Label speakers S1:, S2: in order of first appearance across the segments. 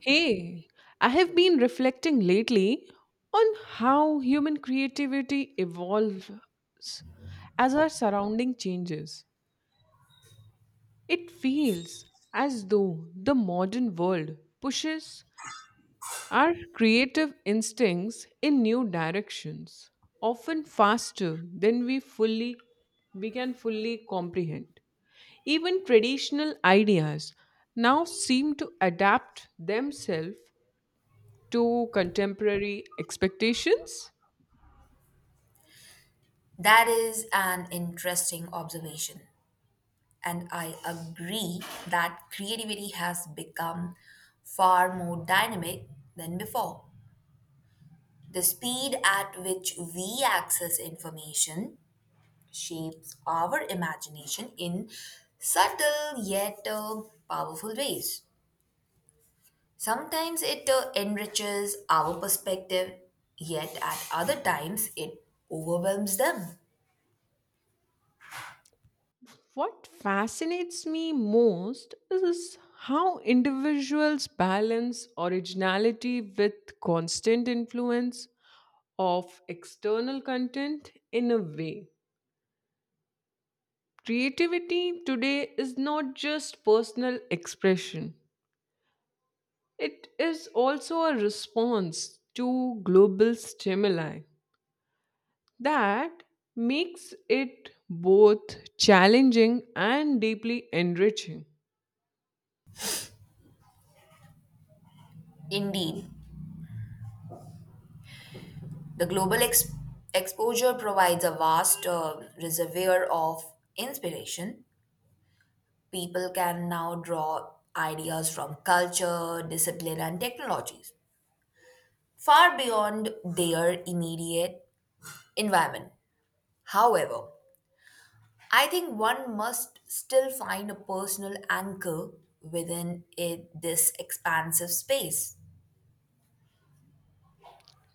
S1: Hey, I have been reflecting lately on how human creativity evolves as our surrounding changes. It feels as though the modern world pushes our creative instincts in new directions, often faster than we can fully comprehend. Even traditional ideas now seem to adapt themselves to contemporary expectations.
S2: That is an interesting observation, and I agree that creativity has become far more dynamic than before. The speed at which we access information shapes our imagination in subtle yet powerful ways. Sometimes it enriches our perspective, yet at other times it overwhelms them.
S1: What fascinates me most is how individuals balance originality with constant influence of external content in a way. Creativity today is not just personal expression, it is also a response to global stimuli. That makes it both challenging and deeply enriching.
S2: Indeed, the global exposure provides a vast reservoir of inspiration. People can now draw ideas from culture, discipline, and technologies far beyond their immediate environment. However, I think one must still find a personal anchor within it, this expansive space.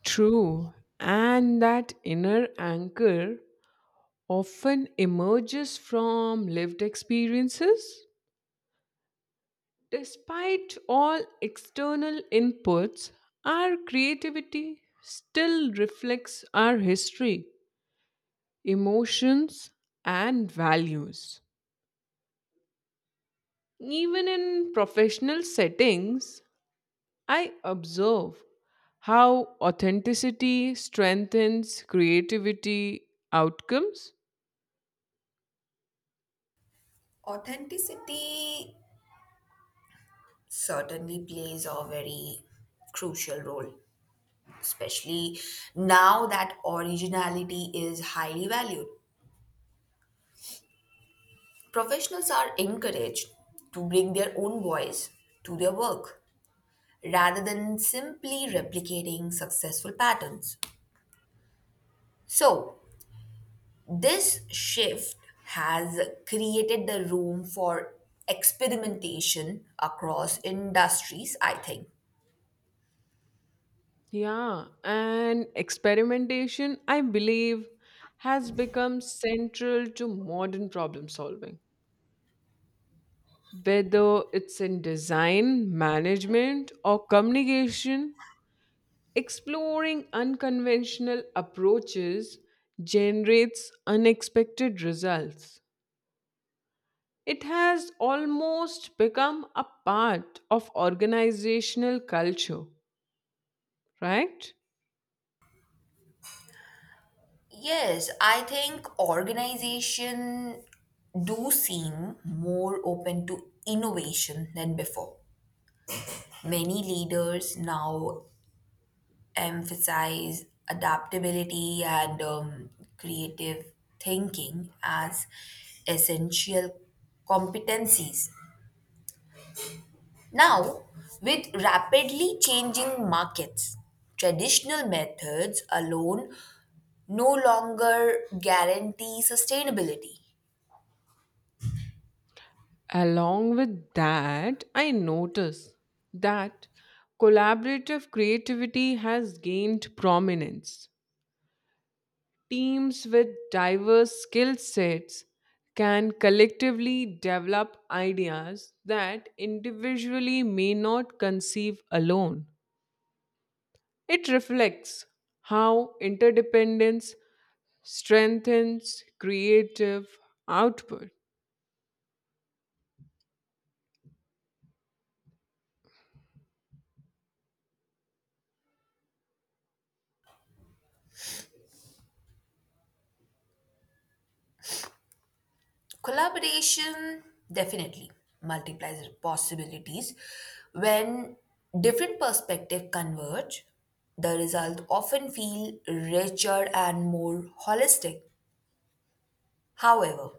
S1: True, and that inner anchor often emerges from lived experiences. Despite all external inputs, our creativity still reflects our history, emotions, and values. Even in professional settings, I observe how authenticity strengthens creativity outcomes.
S2: Authenticity certainly plays a very crucial role, especially now that originality is highly valued. Professionals are encouraged to bring their own voice to their work rather than simply replicating successful patterns. So, this shift has created the room for experimentation across industries, I think.
S1: Yeah, and experimentation, I believe, has become central to modern problem solving. Whether it's in design, management, or communication, exploring unconventional approaches generates unexpected results. It has almost become a part of organizational culture, right?
S2: Yes, I think organization do seem more open to innovation than before. Many leaders now emphasize adaptability and creative thinking as essential competencies. Now, with rapidly changing markets, traditional methods alone no longer guarantee sustainability.
S1: Along with that, I notice that collaborative creativity has gained prominence. Teams with diverse skill sets can collectively develop ideas that individually may not conceive alone. It reflects how interdependence strengthens creative output.
S2: Collaboration definitely multiplies possibilities. When different perspectives converge, the result often feel richer and more holistic. However,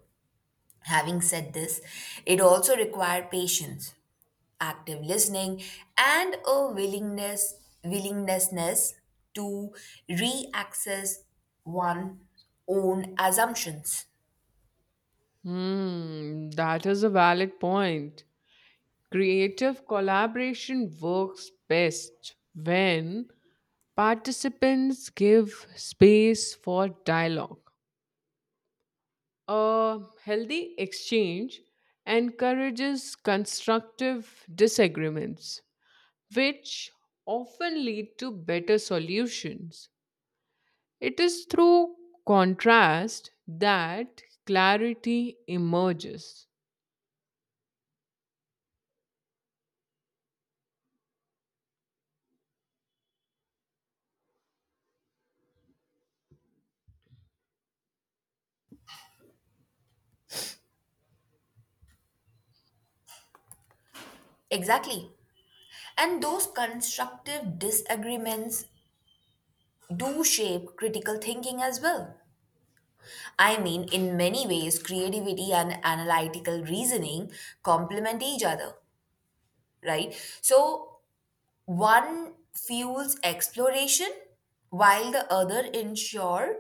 S2: having said this, it also requires patience, active listening, and a willingness to re-access one's own assumptions.
S1: Hmm, that is a valid point. Creative collaboration works best when participants give space for dialogue. A healthy exchange encourages constructive disagreements, which often lead to better solutions. It is through contrast that clarity emerges.
S2: Exactly. And those constructive disagreements do shape critical thinking as well. I mean, in many ways, creativity and analytical reasoning complement each other, right? So one fuels exploration while the other ensure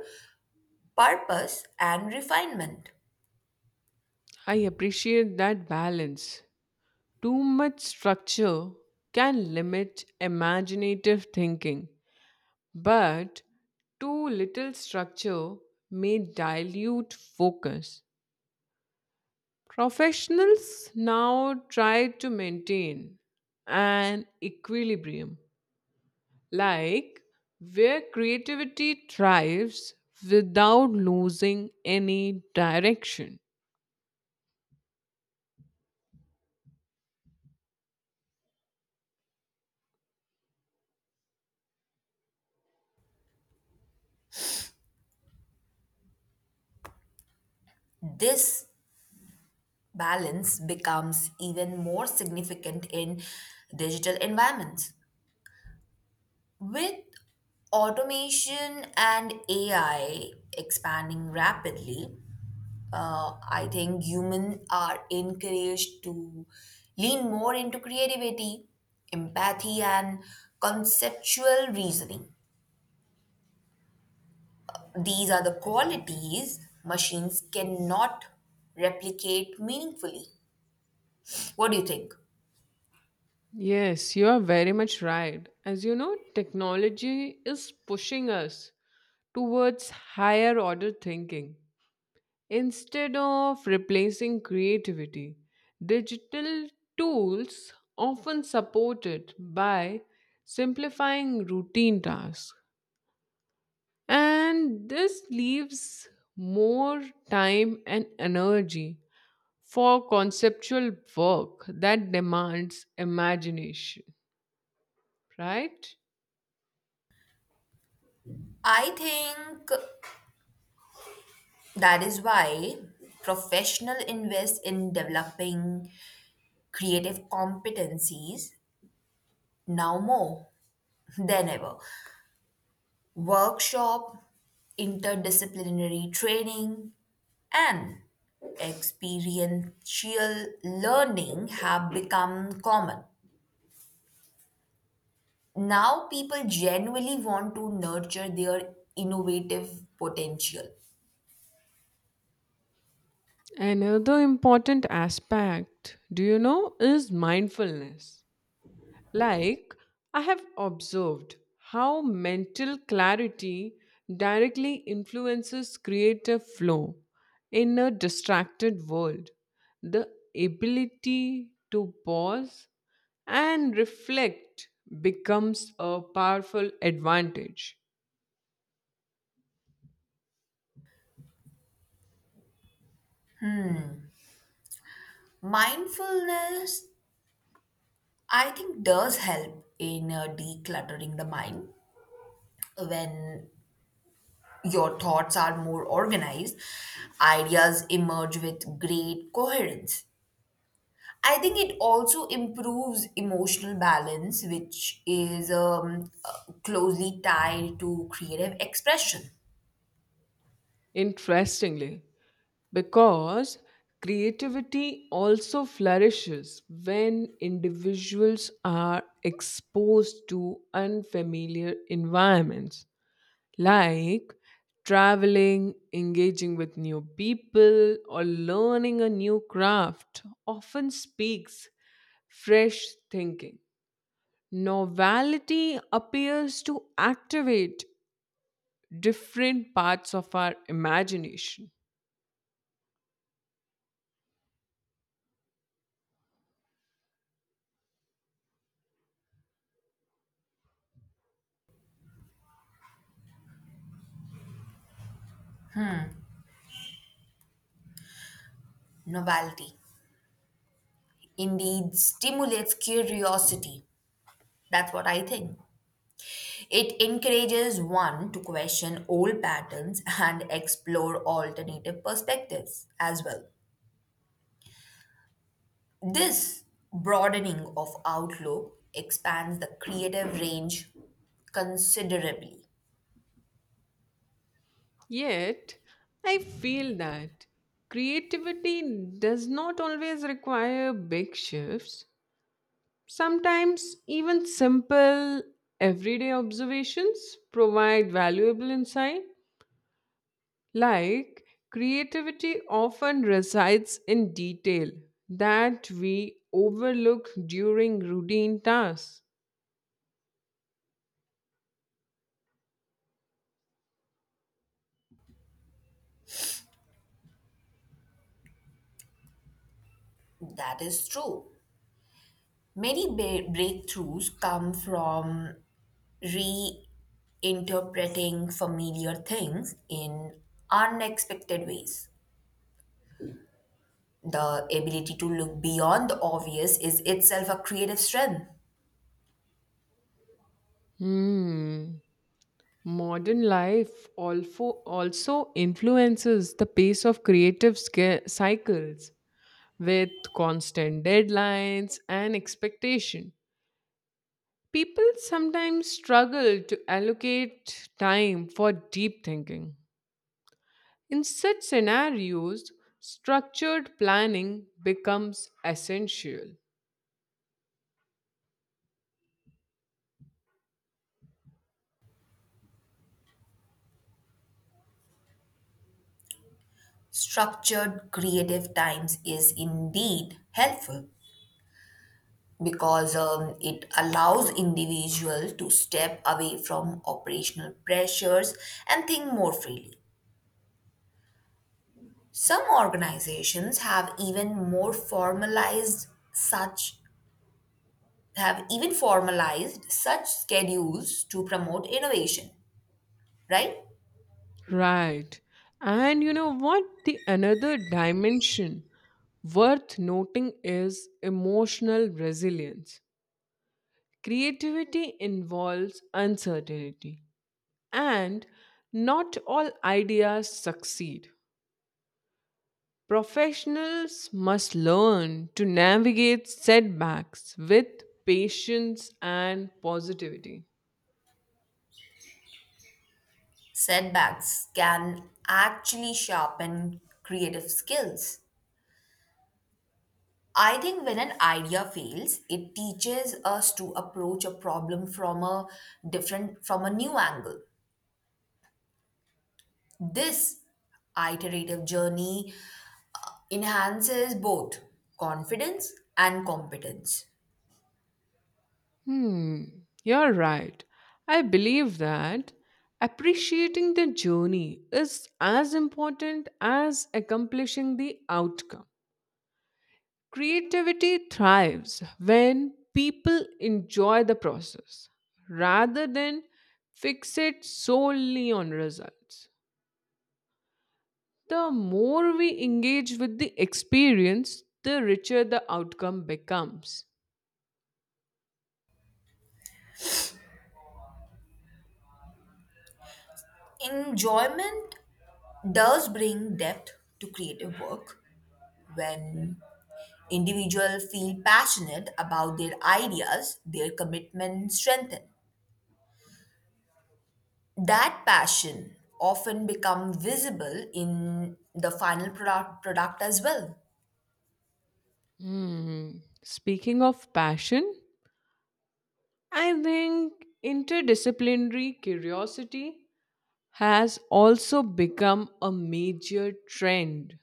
S2: purpose and refinement.
S1: I appreciate that balance. Too much structure can limit imaginative thinking, but too little structure may dilute focus. Professionals now try to maintain an equilibrium like where creativity thrives without losing any direction.
S2: This balance becomes even more significant in digital environments. With automation and AI expanding rapidly, I think humans are encouraged to lean more into creativity, empathy, and conceptual reasoning. These are the qualities machines cannot replicate meaningfully. What do you think?
S1: Yes, you are very much right. As you know, technology is pushing us towards higher order thinking. Instead of replacing creativity, digital tools often support it by simplifying routine tasks. And this leaves more time and energy for conceptual work that demands imagination, right?
S2: I think that is why professional invest in developing creative competencies now more than ever. Workshop, interdisciplinary training, and experiential learning have become common. Now, people genuinely want to nurture their innovative potential.
S1: Another important aspect, do you know, is mindfulness. Like, I have observed how mental clarity directly influences creative flow in a distracted world. The ability to pause and reflect becomes a powerful advantage.
S2: Mindfulness, I think, does help in decluttering the mind when your thoughts are more organized, ideas emerge with great coherence. I think it also improves emotional balance, which is closely tied to creative expression,
S1: Interestingly, because creativity also flourishes when individuals are exposed to unfamiliar environments like traveling engaging with new people or learning a new craft often speaks fresh thinking novelty appears to activate different parts of our imagination.
S2: novelty. Indeed, stimulates curiosity. That's what I think. It encourages one to question old patterns and explore alternative perspectives as well. This broadening of outlook expands the creative range considerably.
S1: Yet, I feel that creativity does not always require big shifts. Sometimes, even simple, everyday observations provide valuable insight. Like, creativity often resides in detail that we overlook during routine tasks.
S2: That is true. Many breakthroughs come from reinterpreting familiar things in unexpected ways. The ability to look beyond the obvious is itself a creative strength.
S1: Hmm. Modern life also influences the pace of creative cycles with constant deadlines and expectation. People sometimes struggle to allocate time for deep thinking. In such scenarios, structured planning becomes essential.
S2: Structured creative times is indeed helpful, because it allows individuals to step away from operational pressures and think more freely. Some organizations have even formalized such schedules to promote innovation, right?
S1: Right. And you know what? The another dimension worth noting is emotional resilience. Creativity involves uncertainty, and not all ideas succeed. Professionals must learn to navigate setbacks with patience and positivity.
S2: Setbacks can actually sharpen creative skills. I think when an idea fails, it teaches us to approach a problem from a different from a new angle. This iterative journey enhances both confidence and competence.
S1: Hmm, you're right. I believe that appreciating the journey is as important as accomplishing the outcome. Creativity thrives when people enjoy the process rather than fixate solely on results. The more we engage with the experience, the richer the outcome becomes.
S2: Enjoyment does bring depth to creative work when individuals feel passionate about their ideas, their commitment strengthens. That passion often becomes visible in the final product as well.
S1: Hmm. Speaking of passion, I think interdisciplinary curiosity has also become a major trend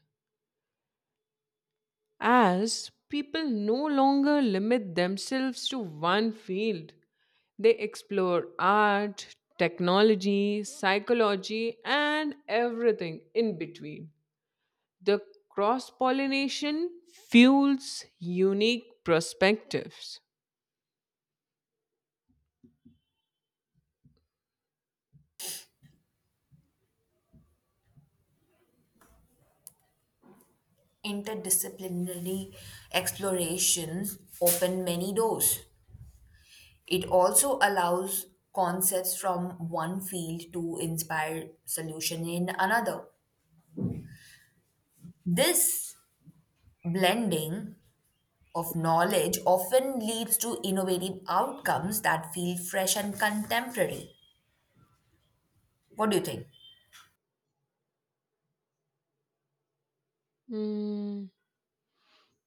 S1: as people no longer limit themselves to one field. They explore art, technology, psychology, and everything in between. The cross pollination fuels unique perspectives.
S2: Interdisciplinary explorations open many doors. It also allows concepts from one field to inspire solution in another. This blending of knowledge often leads to innovative outcomes that feel fresh and contemporary. What do you think?
S1: Hmm.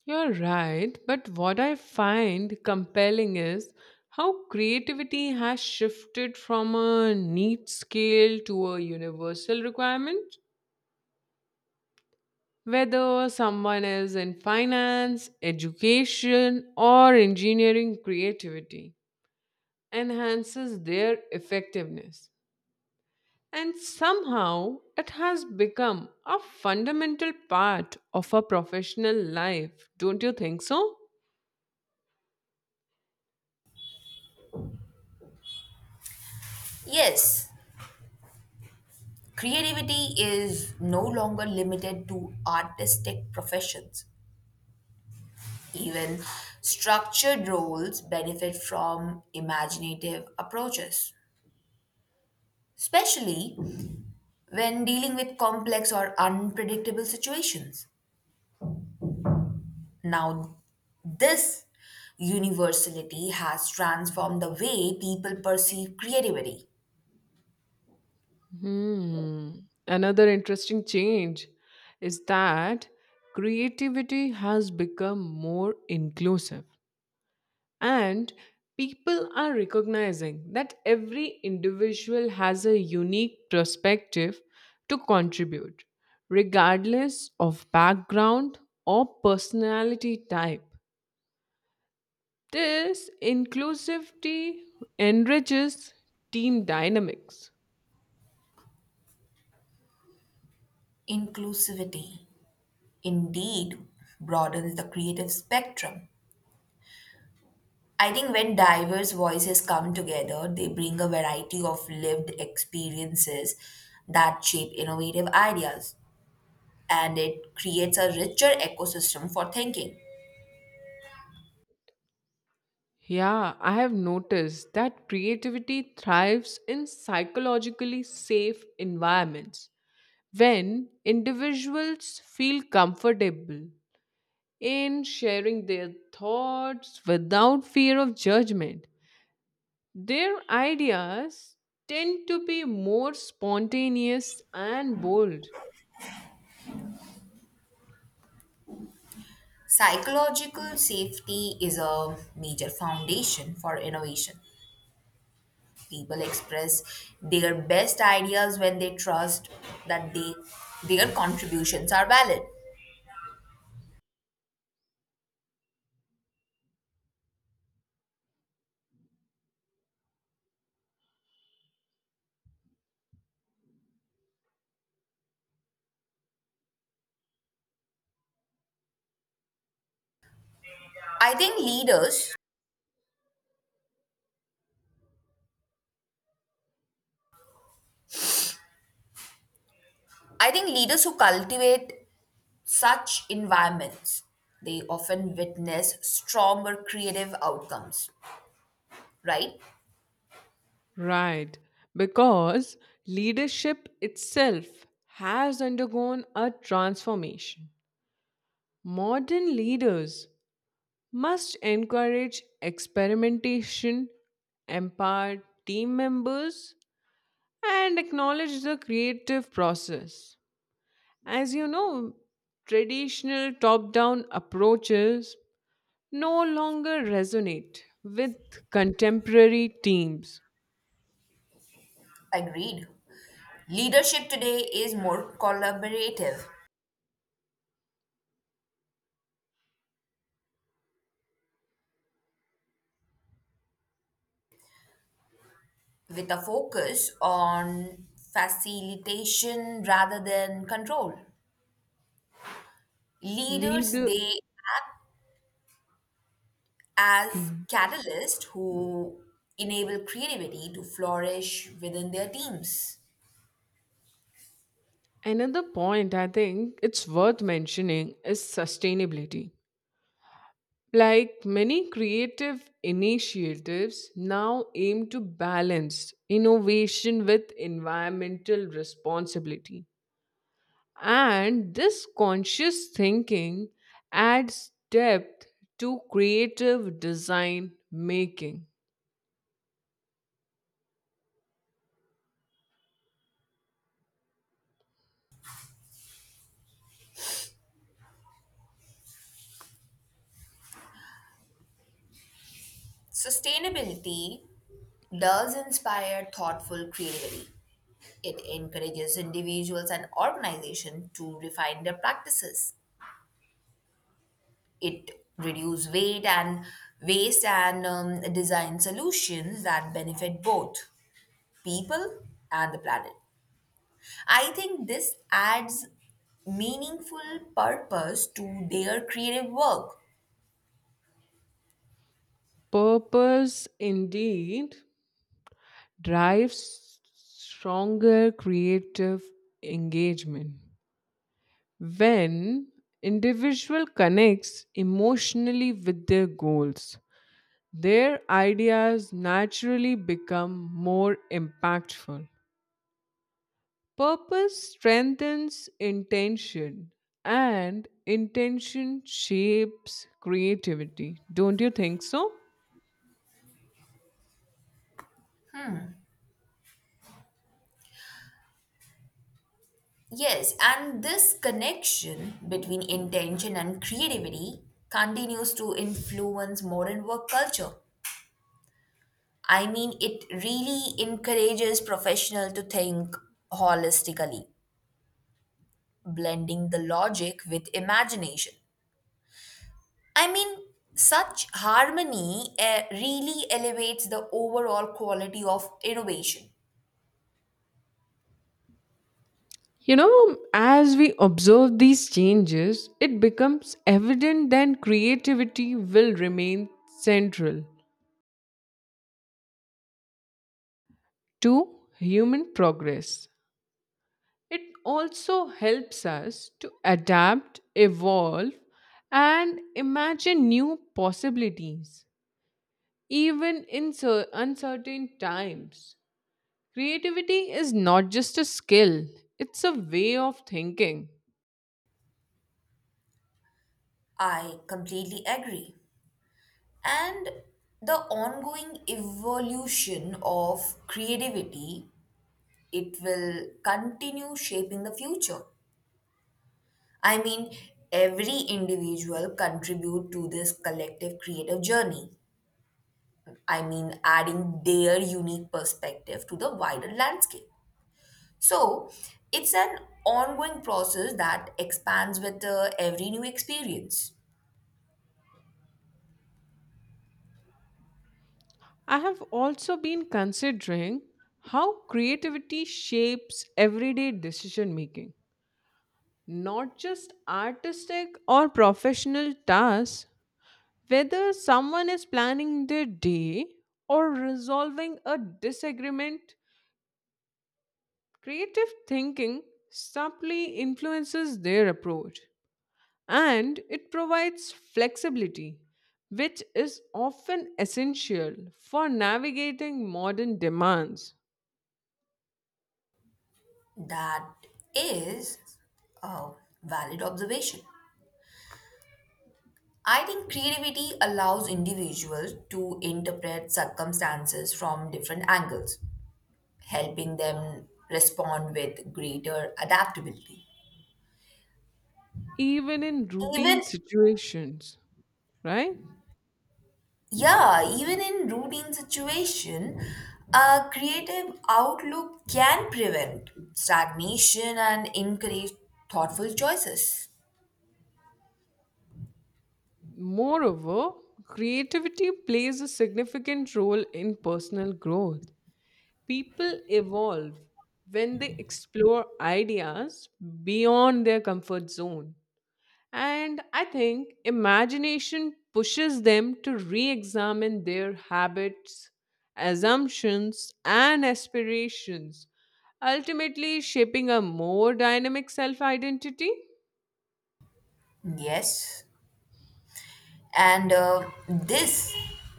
S1: You're right, but what I find compelling is how creativity has shifted from a neat scale to a universal requirement. Whether someone is in finance, education, or engineering, creativity enhances their effectiveness. And somehow it has become a fundamental part of a professional life, don't you think so?
S2: Yes, creativity is no longer limited to artistic professions. Even structured roles benefit from imaginative approaches, especially when dealing with complex or unpredictable situations. Now, this universality has transformed the way people perceive creativity.
S1: Hmm. Another interesting change is that creativity has become more inclusive, and people are recognizing that every individual has a unique perspective to contribute, regardless of background or personality type. This inclusivity enriches team dynamics.
S2: Inclusivity indeed broadens the creative spectrum. I think when diverse voices come together, they bring a variety of lived experiences that shape innovative ideas, and it creates a richer ecosystem for thinking.
S1: Yeah, I have noticed that creativity thrives in psychologically safe environments when individuals feel comfortable in sharing their thoughts without fear of judgment. Their ideas tend to be more spontaneous and bold.
S2: Psychological safety is a major foundation for innovation. People express their best ideas when they trust that they their contributions are valid. I think leaders I think leaders who cultivate such environments they often witness stronger creative outcomes, right?
S1: Right, because leadership itself has undergone a transformation. Modern leaders must encourage experimentation, empower team members, and acknowledge the creative process. As you know, traditional top down approaches no longer resonate with contemporary teams.
S2: Agreed. Leadership today is more collaborative with a focus on facilitation rather than control. Leaders,
S1: Leader.
S2: they as
S1: Hmm.
S2: catalysts who enable creativity to flourish within their teams.
S1: Another point I think it's worth mentioning is sustainability. Like many creative initiatives now aim to balance innovation with environmental responsibility. And this conscious thinking adds depth to creative design making.
S2: Sustainability does inspire thoughtful creativity. It encourages individuals and organizations to refine their practices. It reduces weight and waste and design solutions that benefit both people and the planet. I think this adds meaningful purpose to their creative work.
S1: Purpose indeed drives stronger creative engagement. When individual connects emotionally with their goals their ideas naturally become more impactful, purpose strengthens intention and intention shapes creativity, don't you think so?
S2: Yes, and this connection between intention and creativity continues to influence modern work culture. I mean, it really encourages professionals to think holistically, blending the logic with imagination. I mean, such harmony really elevates the overall quality of innovation.
S1: You know, as we observe these changes, it becomes evident that creativity will remain central to human progress. It also helps us to adapt, evolve, and imagine new possibilities, even in uncertain times. Creativity is not just a skill, it's a way of thinking.
S2: I completely agree. And the ongoing evolution of creativity, it will continue shaping the future. I mean, every individual contribute to this collective creative journey. I mean, adding their unique perspective to the wider landscape. So it's an ongoing process that expands with every new experience.
S1: I have also been considering how creativity shapes everyday decision making, not just artistic or professional tasks. Whether someone is planning their day or resolving a disagreement, creative thinking subtly influences their approach and it provides flexibility, which is often essential for navigating modern demands,
S2: That is a valid observation. I think creativity allows individuals to interpret circumstances from different angles, helping them respond with greater adaptability.
S1: even in routine
S2: Even,
S1: situations, right?
S2: yeah, even in routine situation a creative outlook can prevent stagnation and encourage thoughtful choices.
S1: Moreover, creativity plays a significant role in personal growth. People evolve when they explore ideas beyond their comfort zone. And I think imagination pushes them to re examine their habits, assumptions, and aspirations, ultimately shaping a more dynamic self identity.
S2: Yes, and this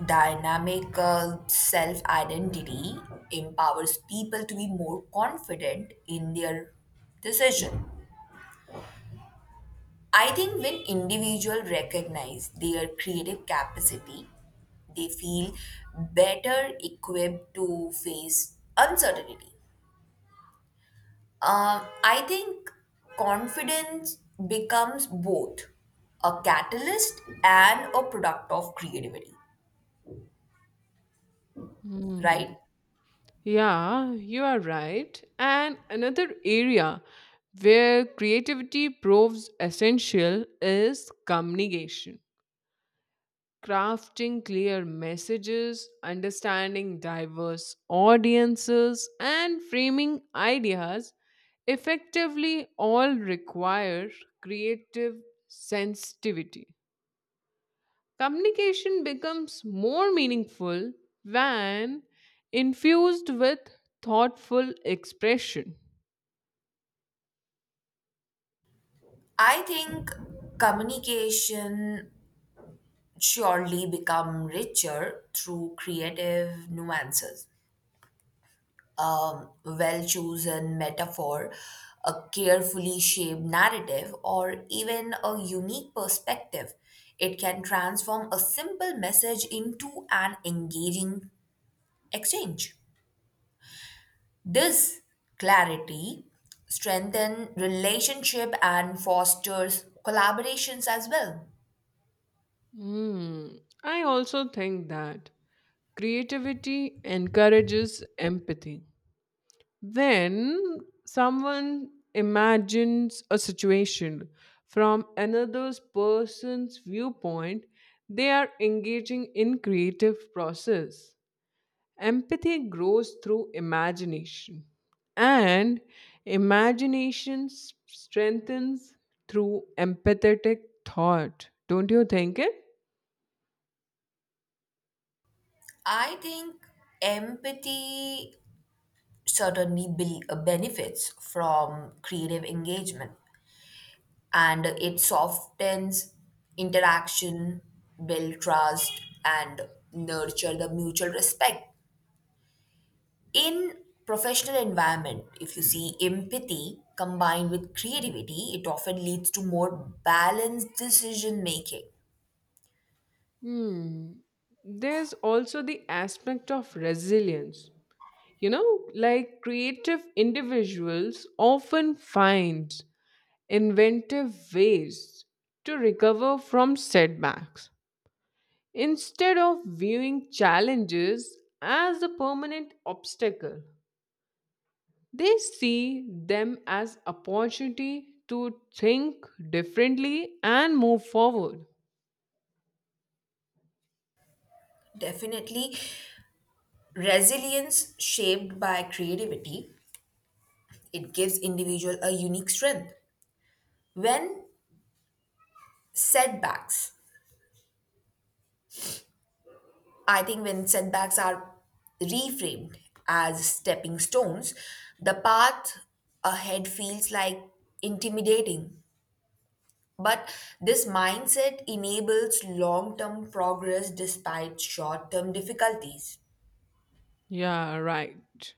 S2: dynamic self identity empowers people to be more confident in their decision. I think when individuals recognize their creative capacity, they feel better equipped to face uncertainty. I think confidence becomes both a catalyst and a product of creativity, right?
S1: Yeah, you are right. And another area where creativity proves essential is communication. Crafting clear messages, understanding diverse audiences, and framing ideas effectively all require creative sensitivity. Communication becomes more meaningful when infused with thoughtful expression.
S2: I think communication surely become richer through creative nuances, well chosen metaphor, a carefully shaped narrative, or even a unique perspective. It can transform a simple message into an engaging exchange. This clarity strengthens relationship and fosters collaborations as well.
S1: Hmm, I also think that creativity encourages empathy. When someone imagines a situation from another person's viewpoint, they are engaging in creative process. Empathy grows through imagination, and strengthens through empathetic thought. Don't you think it?
S2: I think empathy certainly benefits from creative engagement and it softens interaction, build trust, and nurture the mutual respect. In professional environment, if you see empathy combined with creativity, it often leads to more balanced decision making.
S1: Hmm. There's also the aspect of resilience. You know, like creative individuals often find inventive ways to recover from setbacks. Instead of viewing challenges as a permanent obstacle, they see them as opportunity to think differently and move forward.
S2: Definitely, resilience shaped by creativity, it gives individual a unique strength. When setbacks I think when setbacks are reframed as stepping stones, the path ahead feels like intimidating. But this mindset enables long term progress despite short term difficulties.
S1: Yeah, right.